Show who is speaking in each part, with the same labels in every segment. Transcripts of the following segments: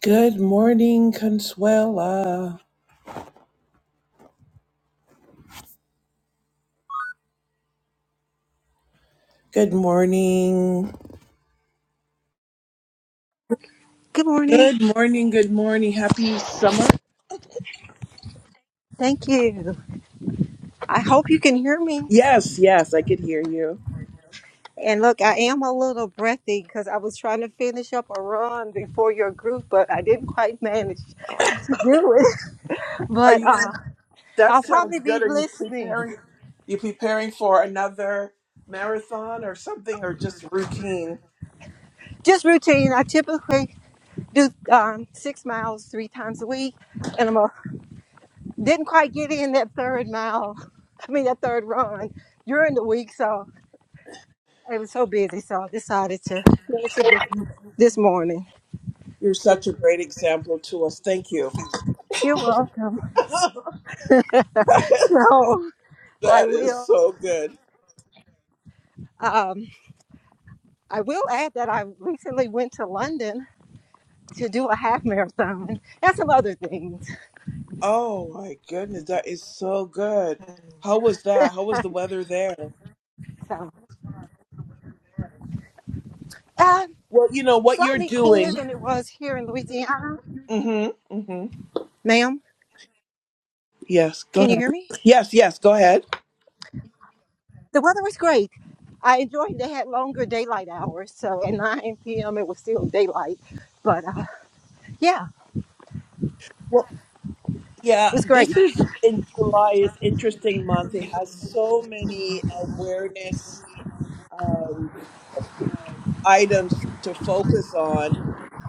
Speaker 1: Good morning, Consuela. Good morning.
Speaker 2: Good morning.
Speaker 1: Good morning. Good morning. Happy summer.
Speaker 2: Thank you. I hope you can hear me.
Speaker 1: Yes, yes, I could hear you.
Speaker 2: And look, I am a little breathy because I was trying to finish up a run before your group, but I didn't quite manage to do it.
Speaker 1: Are
Speaker 2: But
Speaker 1: you
Speaker 2: uh,
Speaker 1: that
Speaker 2: I'll
Speaker 1: sounds
Speaker 2: probably be
Speaker 1: good. Are you
Speaker 2: listening.
Speaker 1: preparing you preparing for another marathon or something or just routine?
Speaker 2: Just routine. I typically do um, six miles three times a week, and I'm a, didn't quite get in that third mile. I mean, that third run during the week, so it was so busy. So I decided to finish it this, this morning.
Speaker 1: You're such a great example to us. Thank you.
Speaker 2: You're welcome.
Speaker 1: that
Speaker 2: So I
Speaker 1: is
Speaker 2: will.
Speaker 1: so good.
Speaker 2: Um, I will add that I recently went to London to do a half marathon and some other things.
Speaker 1: Oh my goodness, that is so good. How was that? How was the weather there?
Speaker 2: So uh,
Speaker 1: Well, you know what you're
Speaker 2: slightly cooler
Speaker 1: doing.
Speaker 2: than it was here in Louisiana.
Speaker 1: Mm-hmm. Mm-hmm.
Speaker 2: Ma'am,
Speaker 1: Yes. Go
Speaker 2: can you
Speaker 1: ahead.
Speaker 2: hear me?
Speaker 1: Yes. Yes. Go ahead.
Speaker 2: The weather was great. I enjoyed. They had longer daylight hours, so at 9 p.m. it was still daylight. But uh, yeah,
Speaker 1: Well, yeah.
Speaker 2: it was
Speaker 1: This
Speaker 2: great.
Speaker 1: is in July. is interesting month. It has so many awareness um, items to focus on,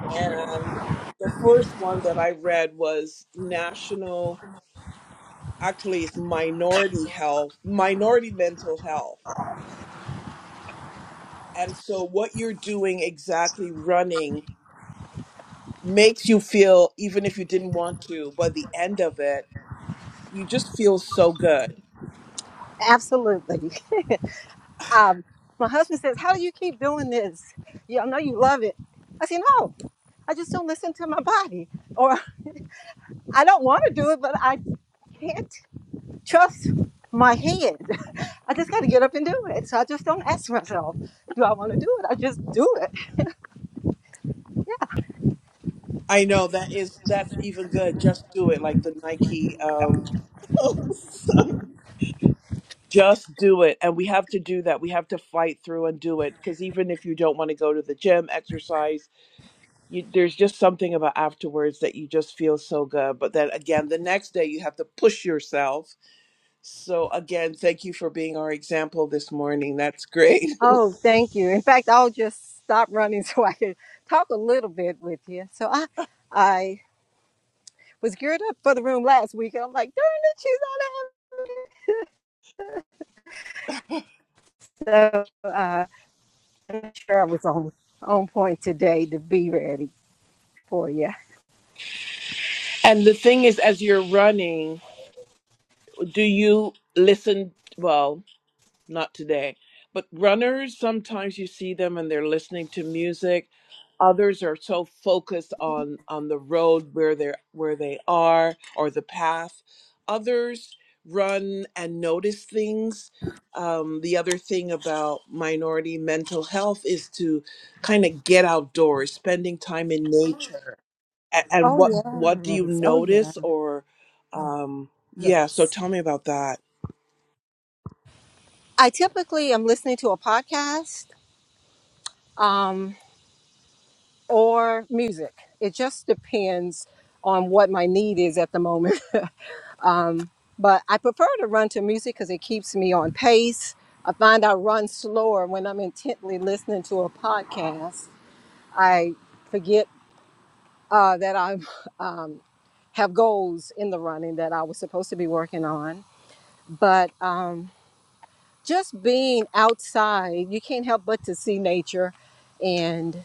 Speaker 1: and the first one that I read was national. Actually, it's minority health, minority mental health, and so what you're doing exactly running makes you feel, even if you didn't want to, by the end of it you just feel so good.
Speaker 2: Absolutely. Um, my husband says, How do you keep doing this? You I know you love it. I say, No, I just don't listen to my body. Or I don't want to do it, but I can't trust my head. I just got to get up and do it. So I just don't ask myself, Do I want to do it? I just do it.
Speaker 1: I know that is that's even good. Just do it, like the Nike. Um, just do it, and we have to do that. We have to fight through and do it because even if you don't want to go to the gym, exercise, you, there's just something about afterwards that you just feel so good. But then again, the next day you have to push yourself. So again, thank you for being our example this morning. That's great.
Speaker 2: Oh, thank you. In fact, I'll just stop running so I can talk a little bit with you. So I, I was geared up for the room last week, and I'm like, darn it, she's not out. I'm sure I was on on point today to be ready for you.
Speaker 1: and the thing is, as you're running, do you listen? Well, not today. But runners, sometimes you see them and they're listening to music. Others are so focused on on the road where they're where they are or the path. Others run and notice things. Um, the other thing about minority mental health is to kind of get outdoors, spending time in nature. And, and
Speaker 2: Oh
Speaker 1: what what do you
Speaker 2: yes, oh yeah,
Speaker 1: notice or um, yeah? So
Speaker 2: yes.
Speaker 1: tell me about that.
Speaker 2: I typically am listening to a podcast um, or music. It just depends on what my need is at the moment. Um, but I prefer to run to music because it keeps me on pace. I find I run slower when I'm intently listening to a podcast. I forget uh, that I'm. um, have goals in the running that I was supposed to be working on. But um, just being outside, you can't help but to see nature. And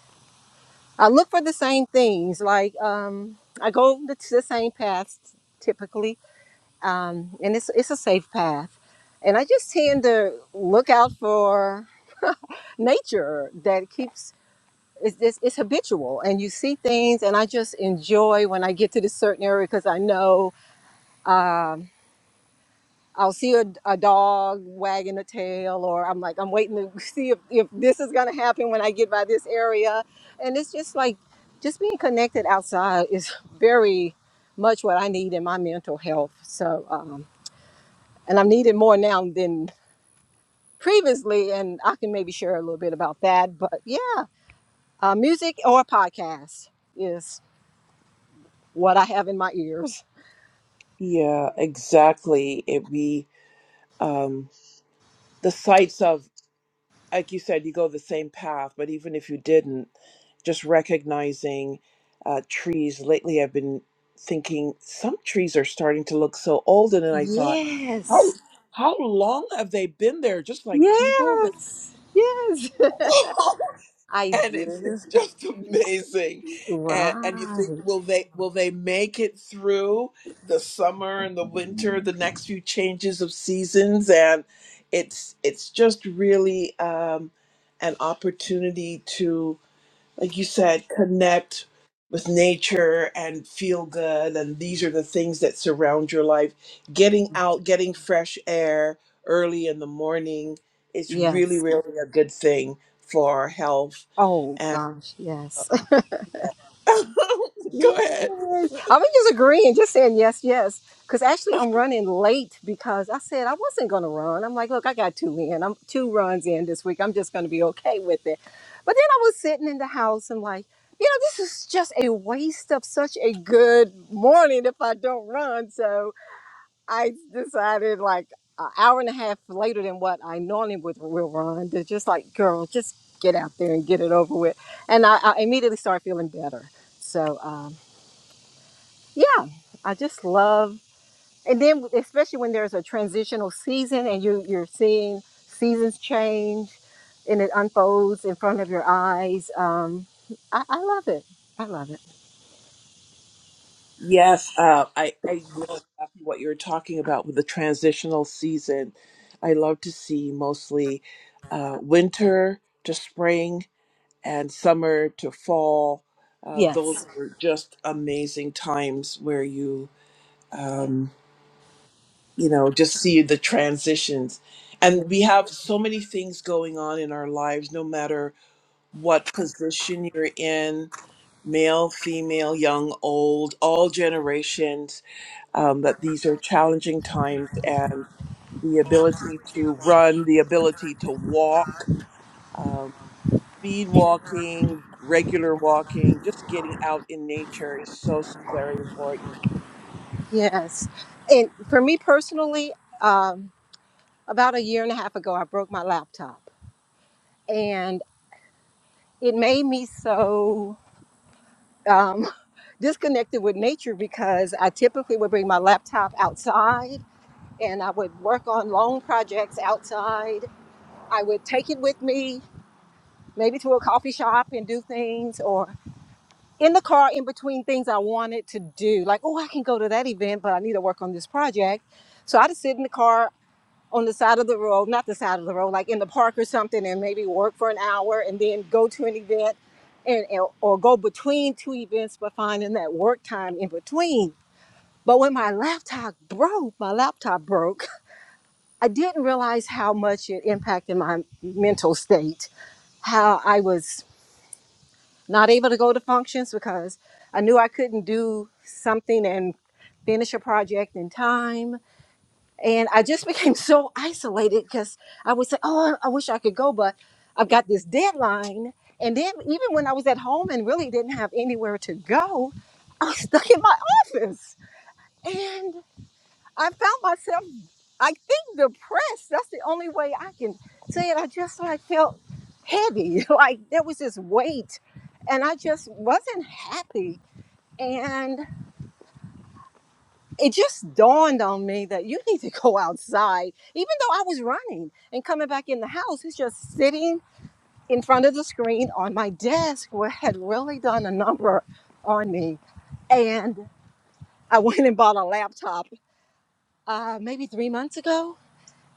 Speaker 2: I look for the same things. Like um, I go the, the same paths typically, um, and it's, it's a safe path. And I just tend to look out for nature that keeps. It's, it's, it's habitual and you see things and i just enjoy when i get to this certain area because i know Um, I'll see a, a dog wagging a tail, or I'm like, I'm waiting to see if, if this is going to happen when I get by this area. And it's just like, just being connected outside is very much what I need in my mental health. So, um, and I'm needed more now than previously. And I can maybe share a little bit about that. But yeah, uh, music or podcast is what I have in my ears.
Speaker 1: Yeah, exactly. It we um, the sights of, like you said, you go the same path, but even if you didn't, just recognizing uh, trees. Lately, I've been thinking some trees are starting to look so old, and then I thought, how
Speaker 2: Yes.
Speaker 1: how long have they been there? Just like people.
Speaker 2: Yes. Yes. I
Speaker 1: and it's
Speaker 2: do.
Speaker 1: it's just amazing and and you think
Speaker 2: Right.
Speaker 1: will they will they make it through the summer and the winter the next few changes of seasons and it's it's just really um an opportunity to like you said connect with nature and feel good and these are the things that surround your life getting out getting fresh air early in the morning is really
Speaker 2: Yes.
Speaker 1: really a good thing for health
Speaker 2: Oh gosh, yes.
Speaker 1: Go
Speaker 2: yes. I
Speaker 1: ahead.
Speaker 2: was just agreeing, just saying yes, yes. Cause actually I'm running late because I said I wasn't gonna run. I'm like, look, I got two in. I'm two runs in this week. I'm just gonna be okay with it. But then I was sitting in the house and like, you know, this is just a waste of such a good morning if I don't run. So. I decided like an hour and a half later than what I normally would will run. They're just like, girl, just get out there and get it over with. And I, I immediately started feeling better. So um, yeah, I just love, and then especially when there's a transitional season and you you're seeing seasons change and it unfolds in front of your eyes. Um, I, I love it. I love it.
Speaker 1: Yes, uh, I, I know exactly what you were talking about with the transitional season. I love to see mostly uh, winter to spring and summer to fall. Uh, those
Speaker 2: Yes.
Speaker 1: were just amazing times where you, um, you know, just see the transitions. And we have so many things going on in our lives, no matter what position you're in male, female, young, old, all generations, um, that these are challenging times and the ability to run, the ability to walk, um, speed walking, regular walking, just getting out in nature is so, so very important.
Speaker 2: Yes. And for me personally. um, about a year and a half ago, I broke my laptop, and it made me so um, disconnected with nature because I typically would bring my laptop outside and I would work on long projects outside. I would take it with me, maybe to a coffee shop and do things, or in the car in between things I wanted to do. Like, oh, I can go to that event, but I need to work on this project. So I'd sit in the car on the side of the road, not the side of the road, like in the park or something, and maybe work for an hour and then go to an event and or go between two events, but finding that work time in between. But when my laptop broke, my laptop broke, I didn't realize how much it impacted my mental state, how I was not able to go to functions because I knew I couldn't do something and finish a project in time and I just became so isolated because I would say, "Oh, I wish I could go, but I've got this deadline." And then, even when I was at home and really didn't have anywhere to go, I was stuck in my office, and I found myself, I think, depressed. That's the only way I can say it. I just like felt heavy, like there was this weight, and I just wasn't happy. And. it just dawned on me that you need to go outside. Even though I was running and coming back in the house, it's just sitting in front of the screen on my desk where it had really done a number on me. And I went and bought a laptop uh, maybe three months ago.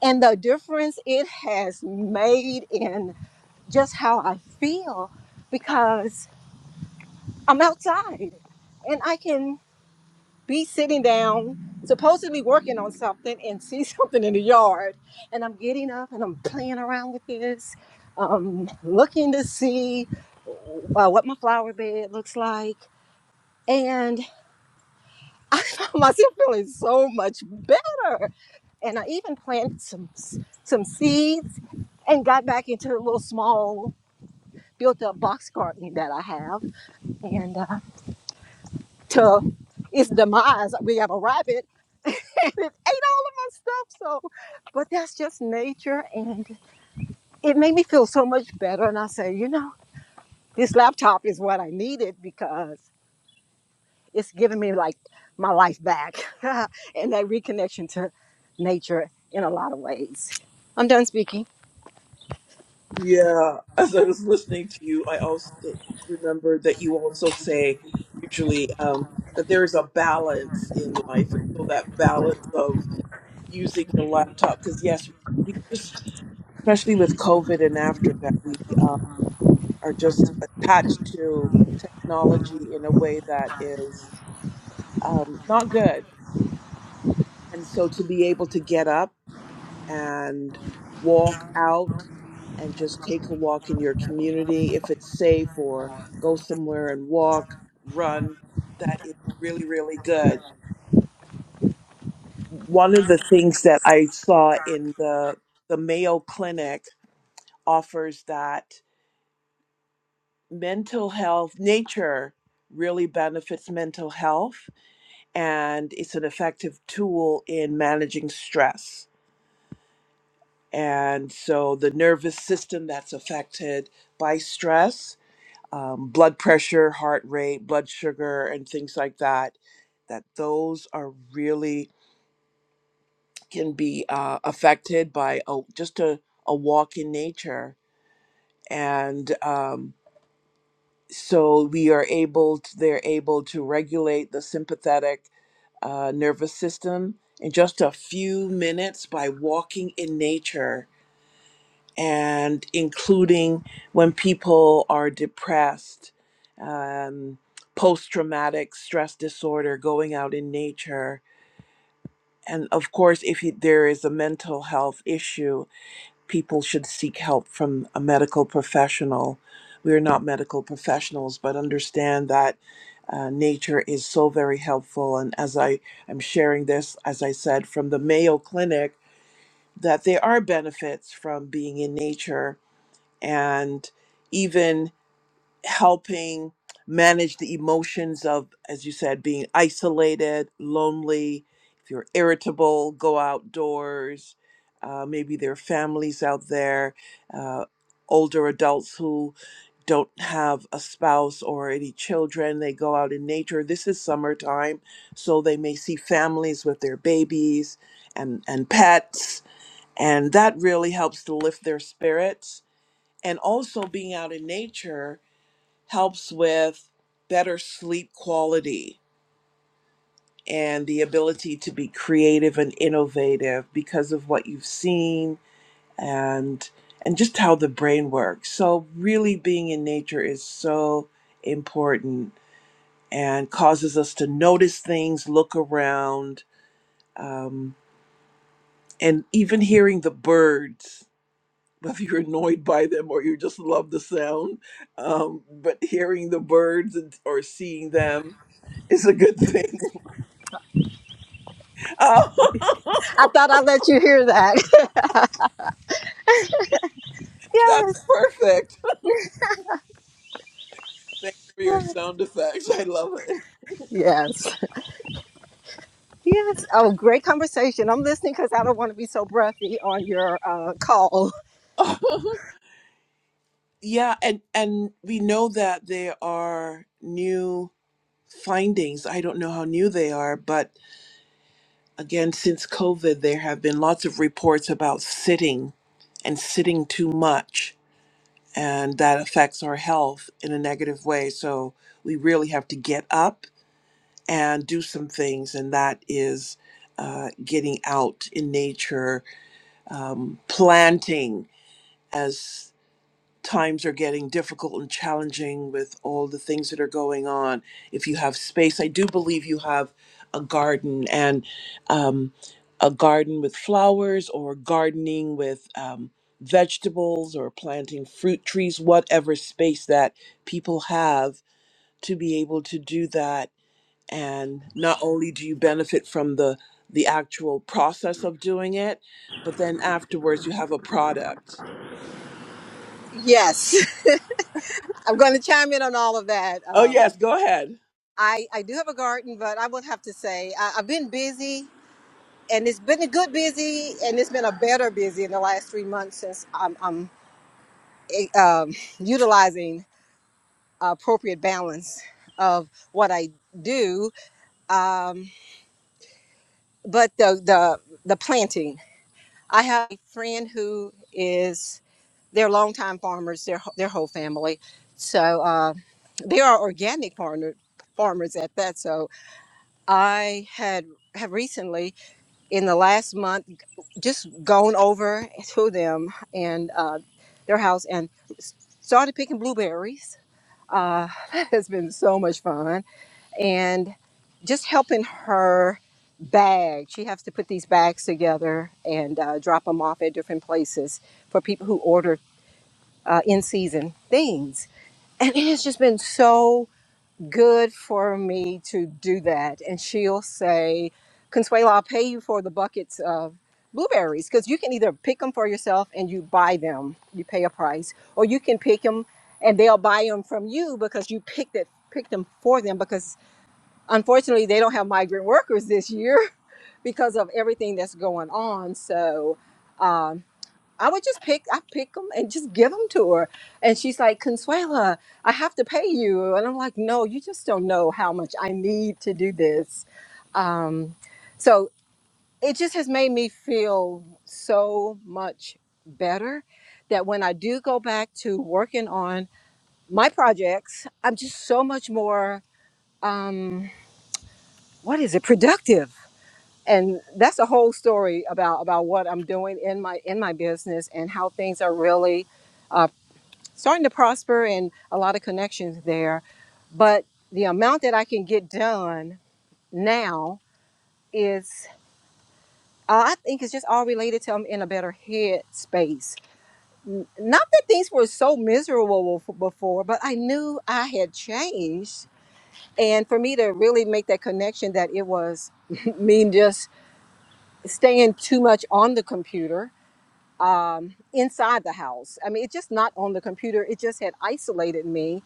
Speaker 2: And the difference it has made in just how I feel because I'm outside and I can be sitting down, supposed to be working on something, and see something in the yard. And I'm getting up and I'm playing around with this, um, looking to see uh, what my flower bed looks like. And I found myself feeling so much better. And I even planted some some seeds and got back into a little small built-up box garden that I have. And uh, to its demise, we have a rabbit and it ate all of my stuff. So, but that's just nature, and it made me feel so much better. And I said, you know, this laptop is what I needed because it's giving me like my life back and that reconnection to nature in a lot of ways. I'm done speaking.
Speaker 1: Yeah, as I was listening to you, I also remembered that you also say usually um, that there is a balance in life, and so that balance of using the laptop, because yes, we just. especially with COVID and after that, we uh, are just attached to technology in a way that is um, not good. And so to be able to get up and walk out and just take a walk in your community, if it's safe, or go somewhere and walk, run, that is really, really good. One of the things that I saw in the the Mayo Clinic offers that mental health nature really benefits mental health and it's an effective tool in managing stress and so the nervous system that's affected by stress um, blood pressure heart rate blood sugar and things like that that those are really can be uh, affected by a, just a, a walk in nature and um, so we are able to, they're able to regulate the sympathetic uh, nervous system in just a few minutes by walking in nature and including when people are depressed um, post-traumatic stress disorder going out in nature and of course if you, there is a mental health issue people should seek help from a medical professional. We are not medical professionals, but understand that uh, nature is so very helpful. And as I am sharing this, as I said, from the Mayo Clinic, that there are benefits from being in nature. And even helping manage the emotions of, as you said, being isolated, lonely. If you're irritable, go outdoors. Uh, maybe there are families out there, uh, older adults who don't have a spouse or any children. They go out in nature. This is summertime, so they may see families with their babies and, and pets. And that really helps to lift their spirits. And also being out in nature helps with better sleep quality and the ability to be creative and innovative because of what you've seen and and just how the brain works. So really being in nature is so important and causes us to notice things, look around, um, and even hearing the birds whether you're annoyed by them or you just love the sound. Um, but hearing the birds and, or seeing them is a good thing. Um,
Speaker 2: I thought I'd let you hear that.
Speaker 1: that's
Speaker 2: yes,
Speaker 1: perfect. Thanks for your sound effects. I love it.
Speaker 2: yes, yes. Oh, great conversation. I'm listening because I don't want to be so breathy on your uh, call.
Speaker 1: yeah, and and we know that there are new findings. I don't know how new they are, but again, since COVID, there have been lots of reports about sitting and sitting too much and that affects our health in a negative way. So we really have to get up and do some things, and that is uh, getting out in nature, um, planting as times are getting difficult and challenging with all the things that are going on. If you have space, I do believe you have a garden and um, a garden with flowers or gardening with um, vegetables or planting fruit trees, whatever space that people have to be able to do that. And not only do you benefit from the the actual process of doing it, but then afterwards you have a product.
Speaker 2: Yes. I'm going to chime in on all of that.
Speaker 1: Oh
Speaker 2: Uh,
Speaker 1: yes, go ahead.
Speaker 2: I, I do have a garden, but I would have to say I, I've been busy, and it's been a good busy, and it's been a better busy in the last three months since I'm, I'm eh, um, utilizing appropriate balance of what I do. Um, but the, the the planting, I have a friend who is they're longtime farmers, their their whole family, so uh, they are organic farmer, farmers at that. So I had have recently in the last month just gone over to them and uh, their house and started picking blueberries. Uh, that has been so much fun. And just helping her bag. She has to put these bags together and uh, drop them off at different places for people who order uh, in season things. And it has just been so good for me to do that. And she'll say, Consuelo, I'll pay you for the buckets of blueberries because you can either pick them for yourself and you buy them, you pay a price, or you can pick them and they'll buy them from you because you picked it, picked them for them because unfortunately they don't have migrant workers this year because of everything that's going on. So, um, I would just pick, I pick them and just give them to her. And she's like, Consuela, I have to pay you. And I'm like, no, you just don't know how much I need to do this. Um, so it just has made me feel so much better that when I do go back to working on my projects, I'm just so much more, um, what is it, productive. And that's a whole story about, about what I'm doing in my in my business and how things are really uh, starting to prosper and a lot of connections there. But the amount that I can get done now is, uh, I think it's just all related to I'm in a better head space. N- Not that things were so miserable f- before, but I knew I had changed. And for me to really make that connection that it was me just staying too much on the computer um, inside the house. I mean, it's just not on the computer. It just had isolated me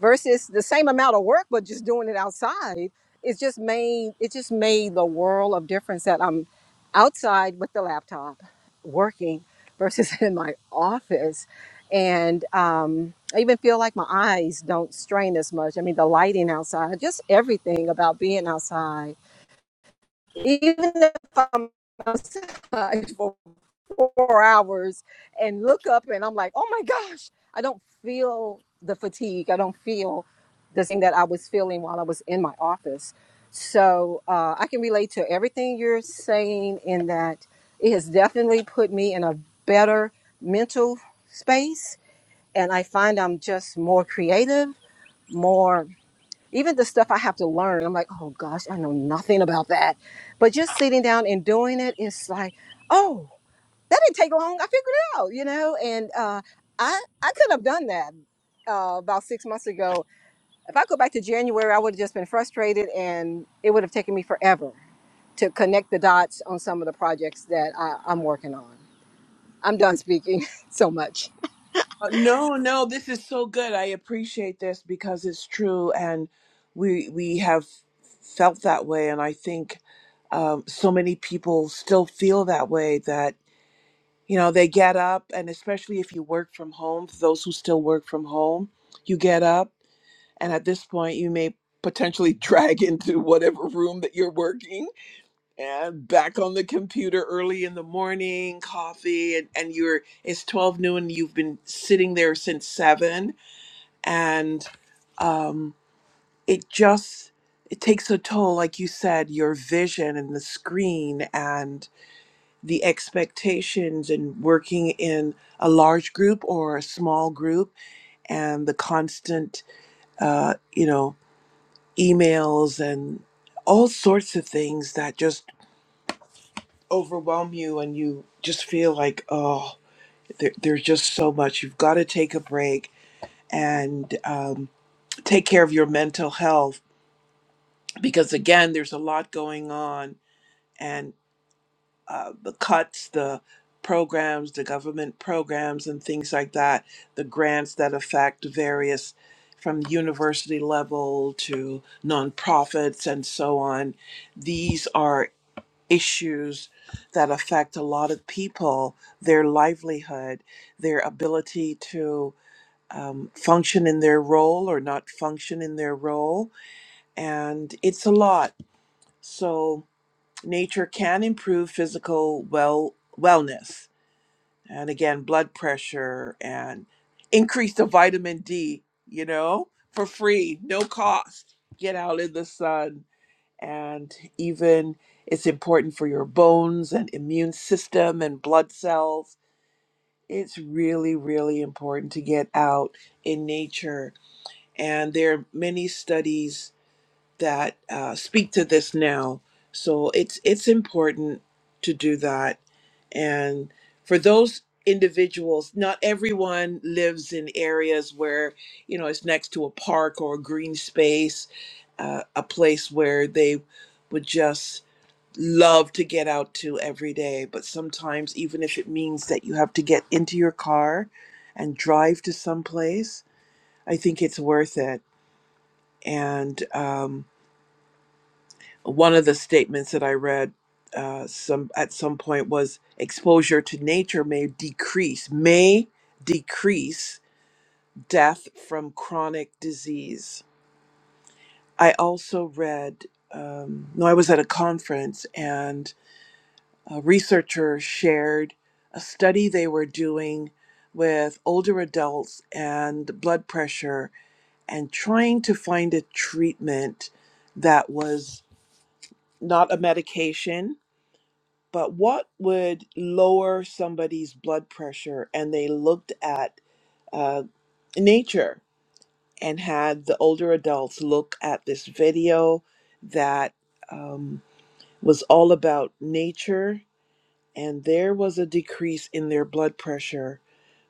Speaker 2: versus the same amount of work but just doing it outside it just made it just made the world of difference that i'm outside with the laptop working versus in my office and um, i even feel like my eyes don't strain as much i mean the lighting outside just everything about being outside even if i'm outside four hours and look up and I'm like, oh my gosh, I don't feel the fatigue. I don't feel the thing that I was feeling while I was in my office. So uh, I can relate to everything you're saying in that it has definitely put me in a better mental space. And I find I'm just more creative, more, even the stuff I have to learn. I'm like, oh gosh, I know nothing about that. But just sitting down and doing it, it's like, oh, that didn't take long. I figured it out, you know, and uh, I I could have done that uh, about six months ago. If I go back to January, I would have just been frustrated, and it would have taken me forever to connect the dots on some of the projects that I, I'm working on. I'm done speaking so much.
Speaker 1: Uh, No, no, this is so good. I appreciate this because it's true, and we we have felt that way, and I think um, so many people still feel that way. That you know, they get up, and especially if you work from home, for those who still work from home, you get up, and at this point, you may potentially drag into whatever room that you're working and back on the computer early in the morning, coffee, and, and you're it's twelve noon. You've been sitting there since seven, and um, it just it takes a toll, like you said, your vision and the screen and the expectations, and working in a large group or a small group, and the constant, uh, you know, emails and all sorts of things that just overwhelm you and you just feel like, oh, there, there's just so much. You've got to take a break and um, take care of your mental health because, again, there's a lot going on and uh, the cuts, the programs, the government programs, and things like that, the grants that affect various from university level to nonprofits and so on. These are issues that affect a lot of people, their livelihood, their ability to um, function in their role or not function in their role. And it's a lot. So, nature can improve physical well wellness and again blood pressure and increase the vitamin d you know for free no cost get out in the sun and even it's important for your bones and immune system and blood cells. It's really, really important to get out in nature. And there are many studies that uh, speak to this now. So it's it's important to do that. And for those individuals, not everyone lives in areas where, you know, it's next to a park or a green space, uh, a place where they would just love to get out to every day, but sometimes even if it means that you have to get into your car and drive to some place, I think it's worth it. And um, one of the statements that I read uh, some at some point was exposure to nature may decrease may decrease death from chronic disease. I also read um, no, I was at a conference and a researcher shared a study they were doing with older adults and blood pressure and trying to find a treatment that was not a medication, but what would lower somebody's blood pressure. And they looked at uh, nature and had the older adults look at this video that um, was all about nature and there was a decrease in their blood pressure.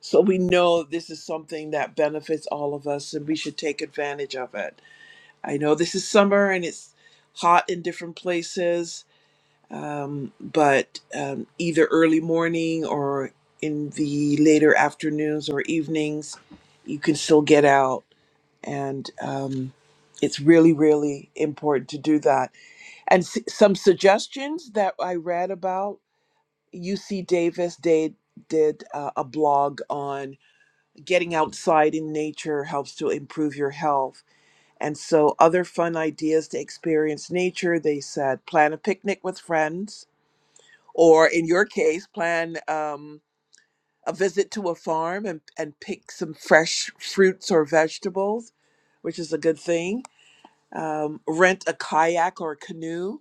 Speaker 1: So we know this is something that benefits all of us and we should take advantage of it. I know this is summer and it's hot in different places, um, but um, either early morning or in the later afternoons or evenings, you can still get out. And um, it's really, really important to do that. And s- some suggestions that I read about UC Davis did did uh, a blog on getting outside in nature helps to improve your health. And so other fun ideas to experience nature, they said, plan a picnic with friends, or in your case, plan um, a visit to a farm and, and pick some fresh fruits or vegetables, which is a good thing. Um, rent a kayak or canoe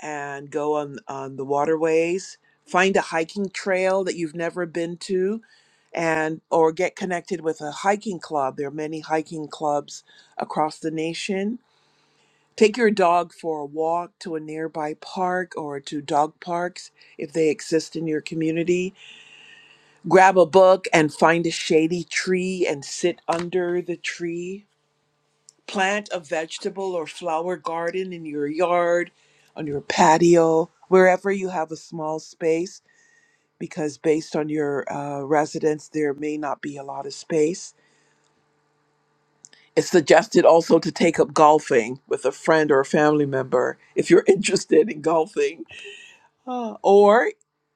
Speaker 1: and go on on the waterways find a hiking trail that you've never been to and or get connected with a hiking club there are many hiking clubs across the nation take your dog for a walk to a nearby park or to dog parks if they exist in your community grab a book and find a shady tree and sit under the tree plant a vegetable or flower garden in your yard, on your patio, wherever you have a small space, because based on your uh, residence, there may not be a lot of space. It's suggested also to take up golfing with a friend or a family member if you're interested in golfing. Uh, or,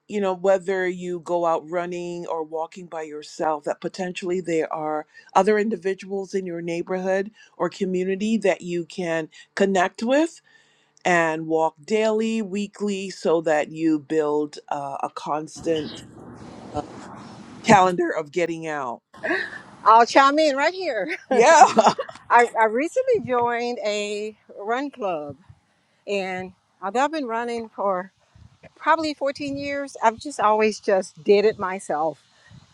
Speaker 1: you know, whether you go out running or walking by yourself, that potentially there are other individuals in your neighborhood or community that you can connect with and walk daily, weekly, so that you build uh, a constant uh, calendar of getting out.
Speaker 2: I'll chime in right here.
Speaker 1: Yeah,
Speaker 2: I, I recently joined a run club, and although I've been running for probably 14 years, I've just always just did it myself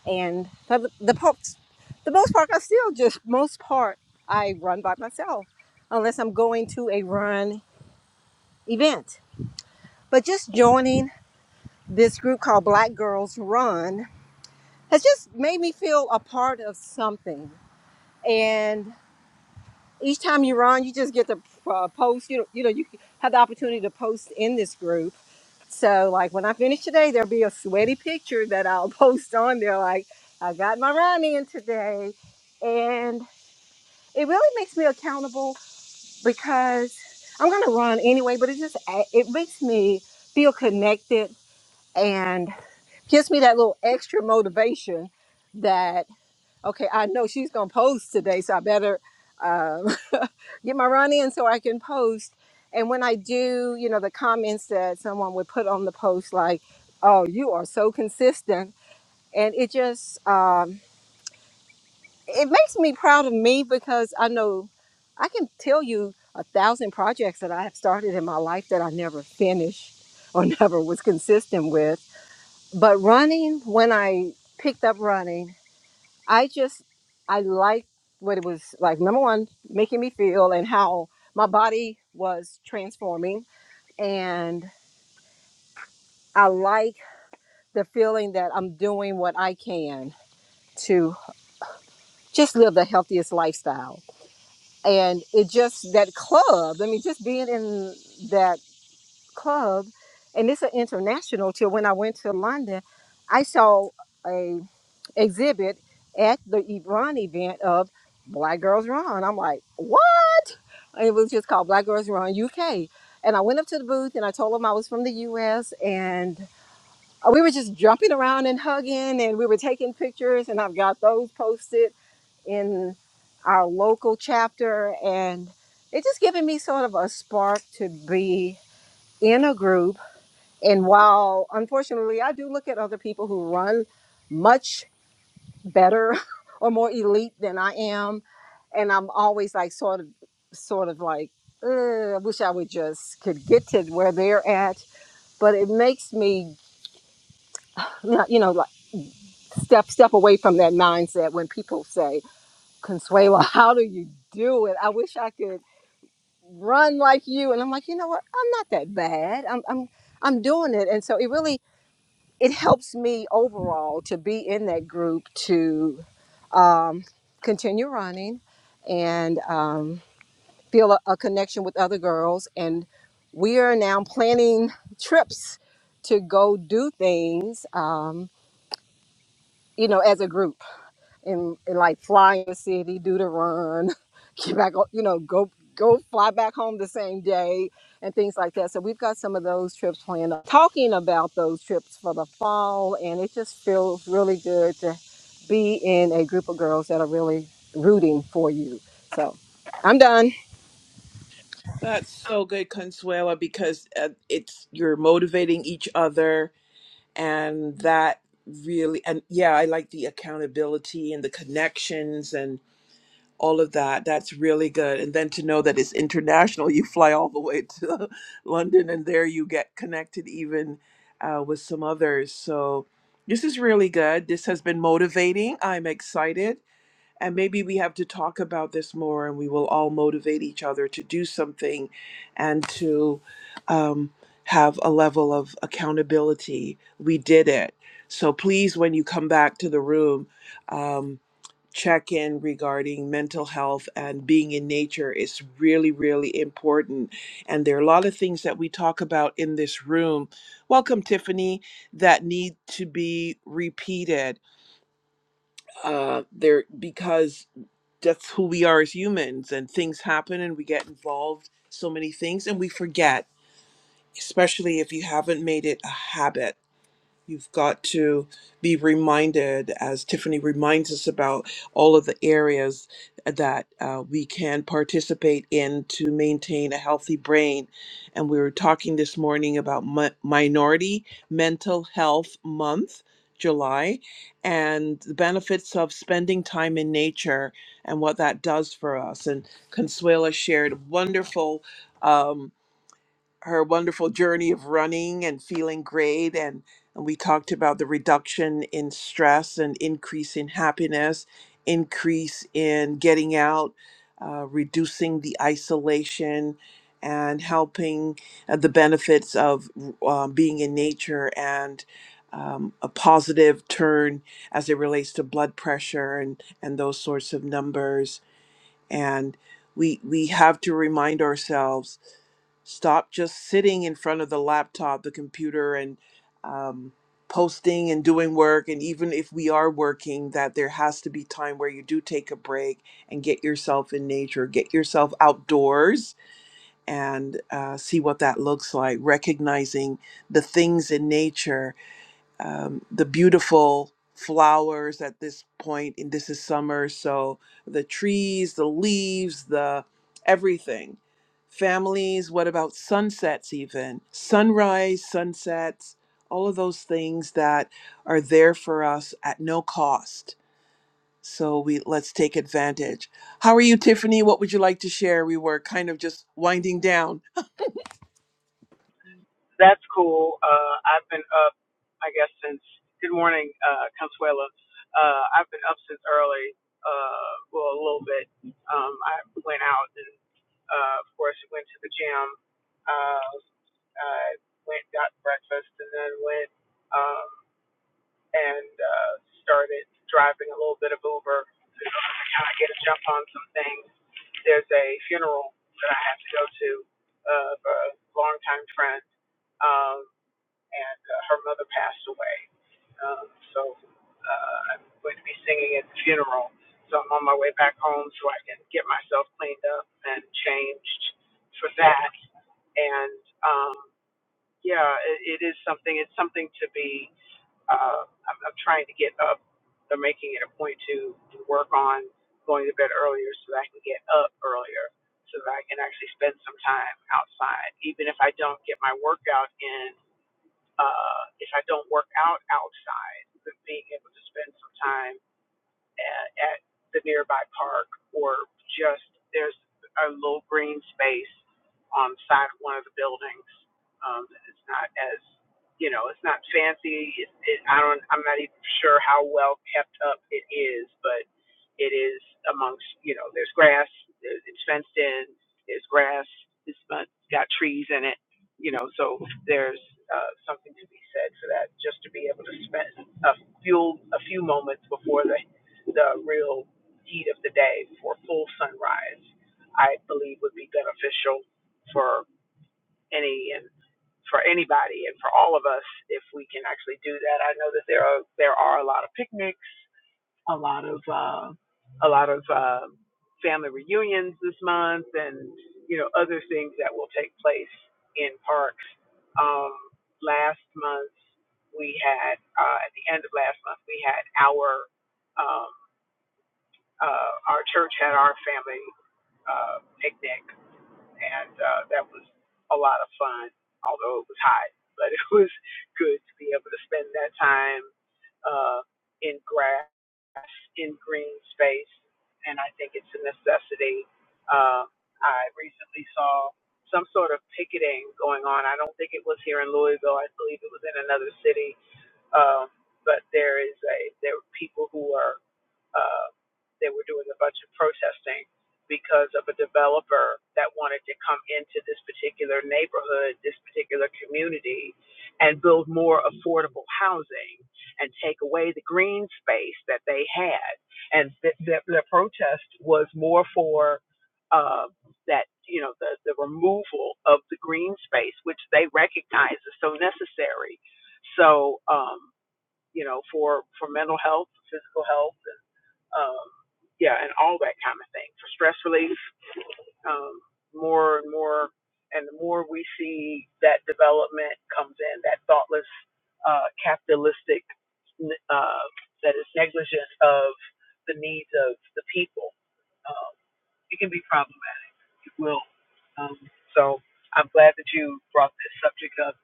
Speaker 2: and for the, the most the most part I still just most part I run by myself unless I'm going to a run event. But just joining this group called Black Girls Run has just made me feel a part of something. And each time you run, you just get to uh, post. You know, you know, you have the opportunity to post in this group. So like when I finish today, there'll be a sweaty picture that I'll post on there. Like I got my run in today, and it really makes me accountable because I'm gonna run anyway, but it just it makes me feel connected and gives me that little extra motivation that okay, I know she's gonna post today, so I better um, get my run in so I can post. And when I do, you know, the comments that someone would put on the post like, "Oh, you are so consistent," and it just um, it makes me proud of me because I know I can tell you a thousand projects that I have started in my life that I never finished or never was consistent with. But running, when I picked up running, I just I liked what it was like. Number one, making me feel and how my body was transforming, and I like the feeling that I'm doing what I can to just live the healthiest lifestyle and it just that club i mean just being in that club and it's an international till when i went to london i saw a exhibit at the ebron event of black girls run i'm like what it was just called black girls run uk and i went up to the booth and i told them i was from the us and we were just jumping around and hugging and we were taking pictures and i've got those posted in our local chapter and it's just given me sort of a spark to be in a group and while unfortunately i do look at other people who run much better or more elite than i am and i'm always like sort of sort of like "Ugh, i wish i would just could get to where they're at but it makes me you know like step step away from that mindset when people say Consuela, how do you do it? I wish I could run like you and i'm like you know what i'm not that bad i'm i'm i'm doing it and so it really it helps me overall to be in that group to um, continue running and um, feel a, a connection with other girls and we are now planning trips to go do things um, you know as a group and and like fly in the city, do the run, get back, o- you know, go go fly back home the same day and things like that. So we've got some of those trips planned. Talking about those trips for the fall, and it just feels really good to be in a group of girls that are really rooting for you. So I'm done.
Speaker 1: that's so good, Consuela, because uh, it's you're motivating each other, and that really, and yeah, I like the accountability and the connections, and. all of that. That's really good. And then to know that it's international, you fly all the way to London and there you get connected even uh, with some others. So this is really good. This has been motivating. I'm excited. And maybe we have to talk about this more and we will all motivate each other to do something and to um, have a level of accountability. We did it. So please, when you come back to the room, um, check in regarding mental health and being in nature is really, really important. And there are a lot of things that we talk about in this room. Welcome, Tiffany, that need to be repeated. Uh, there because that's who we are as humans, and things happen, and we get involved so many things, and we forget. Especially if you haven't made it a habit. You've got to be reminded, as Tiffany reminds us about all of the areas that uh, we can participate in to maintain a healthy brain. And we were talking this morning about mi- Minority Mental Health Month, July, and the benefits of spending time in nature and what that does for us. And Consuela shared wonderful. Um, her wonderful journey of running and feeling great and, and we talked about the reduction in stress and increase in happiness increase in getting out uh, reducing the isolation and helping uh, the benefits of uh, being in nature and um, a positive turn as it relates to blood pressure and, and those sorts of numbers and we we have to remind ourselves Stop just sitting in front of the laptop, the computer, and um, posting and doing work. And even if we are working, that there has to be time where you do take a break and get yourself in nature, get yourself outdoors and uh, see what that looks like, recognizing the things in nature um, the beautiful flowers at this point and this is summer so the trees the leaves the everything families what about sunsets even sunrise sunsets all of those things that are there for us at no cost so we let's take advantage how are you tiffany what would you like to share we were kind of just winding down
Speaker 3: That's cool. Uh, I've been up, I guess, since good morning, uh, Consuela. Uh, I've been up since early, uh, well, a little bit. Um, I went out and, uh, of course, went to the gym. Uh, I went, got breakfast, and then went um, and uh, started driving a little bit of Uber. I kind of get a jump on some things. There's a funeral that I have to go to uh, of a longtime friend. Um, and uh, her mother passed away. Um, so uh, I'm going to be singing at the funeral. So I'm on my way back home so I can get myself cleaned up and changed for that. And um, yeah, it, it is something. It's something to be. Uh, I'm, I'm trying to get up. I'm making it a point to, to work on going to bed earlier so that I can get up earlier so that I can actually spend some time outside, even if I don't get my workout in uh, if I don't work out outside, being able to spend some time at, at the nearby park or just there's a little green space on the side of one of the buildings. Um, it's not as you know, it's not fancy. It, it, I don't. I'm not even sure how well kept up it is, but it is amongst you know. There's grass. It's fenced in. There's grass. It's got got trees in it. You know, so there's uh, something to be said for that. Just to be able to spend a few a few moments before the the real heat of the day for full sunrise, I believe would be beneficial for any and for anybody and for all of us if we can actually do that. I know that there are there are a lot of picnics, a lot of uh, a lot of uh, family reunions this month, and you know other things that will take place in parks. Um, last month we had uh, at the end of last month we had our um, uh, our church had our family uh, picnic, and uh, that was a lot of fun, although it was hot. But it was good to be able to spend that time uh, in grass, in green space, and I think it's a necessity. Uh, I recently saw some sort of picketing going on. I don't think it was here in Louisville. I believe it was in another city. Um, but there is a there were people who are uh, they were doing a bunch of protesting because of a developer that wanted to come into this particular neighborhood, this particular community, and build more affordable housing and take away the green space that they had. And th- th- the protest was more for uh, that, you know, the, the removal of the green space, which they recognize is so necessary. So, um, you know, for, for mental health, physical health, um, yeah, and all that kind of thing for stress relief. Um, more and more, and the more we see that development comes in, that thoughtless, uh, capitalistic, uh, that is negligent of the needs of the people, um, it can be problematic. It will. Um, so I'm glad that you brought this subject up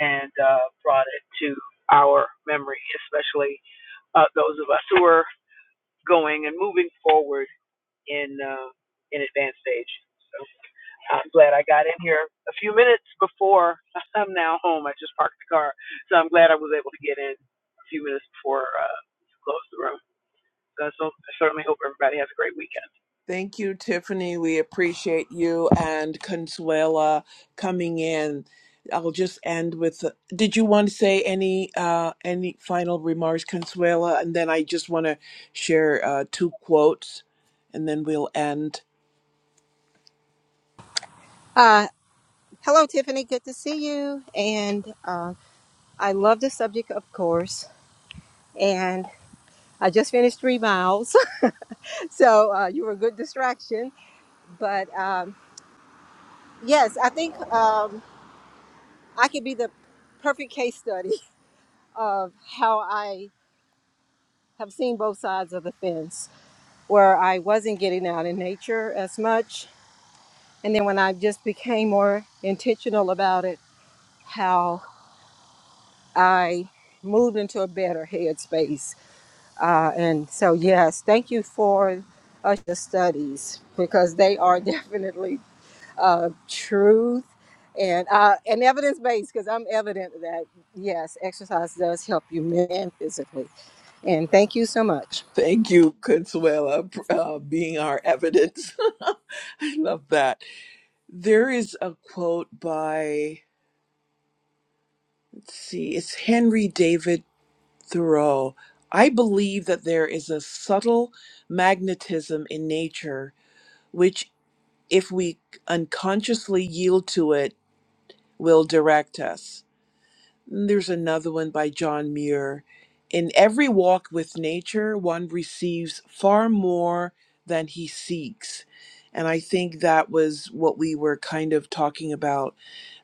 Speaker 3: and uh, brought it to our memory, especially uh, those of us who are going and moving forward in uh, in advanced stage. So I'm glad I got in here a few minutes before I'm now home. I just parked the car, so I'm glad I was able to get in a few minutes before uh, you closed the room. So so- I certainly hope everybody has a great weekend.
Speaker 1: Thank you, Tiffany. We appreciate you and Consuela coming in. I'll just end with Did you want to say any uh, any final remarks, Consuela? And then I just want to share uh, two quotes, and then we'll end.
Speaker 2: Uh, hello, Tiffany. Good to see you. And uh, I love the subject, of course. And I just finished three miles, so uh, you were a good distraction But um, yes, I think um, I could be the perfect case study of how I have seen both sides of the fence, where I wasn't getting out in nature as much. And then when I just became more intentional about it, how I moved into a better headspace. Uh, and so, yes, thank you for uh, the studies because they are definitely uh, truth and uh, and evidence based because I'm evident that yes, exercise does help you mentally and physically. And thank you so much.
Speaker 1: Thank you, Consuela, for uh, being our evidence. I love that. There is a quote by, let's see, it's Henry David Thoreau, I believe that there is a subtle magnetism in nature which, if we unconsciously yield to it, will direct us. Mm, There's another one by John Muir. In every walk with nature, one receives far more than he seeks. And I think that was what we were kind of talking about.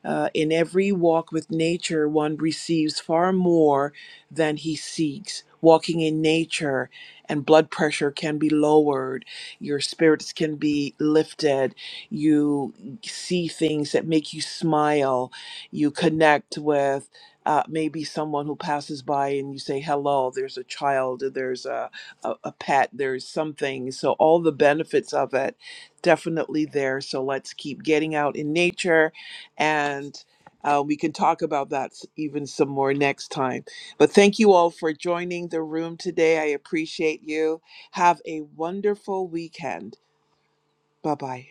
Speaker 1: Uh, in every walk with nature, one receives far more than he seeks. Walking in nature and blood pressure can be lowered, your spirits can be lifted, you see things that make you smile, you connect with uh, maybe someone who passes by and you say hello there's a child there's a, a, a pet there's something so all the benefits of it definitely there so let's keep getting out in nature and uh, we can talk about that s- even some more next time but thank you all for joining the room today i appreciate you have a wonderful weekend bye bye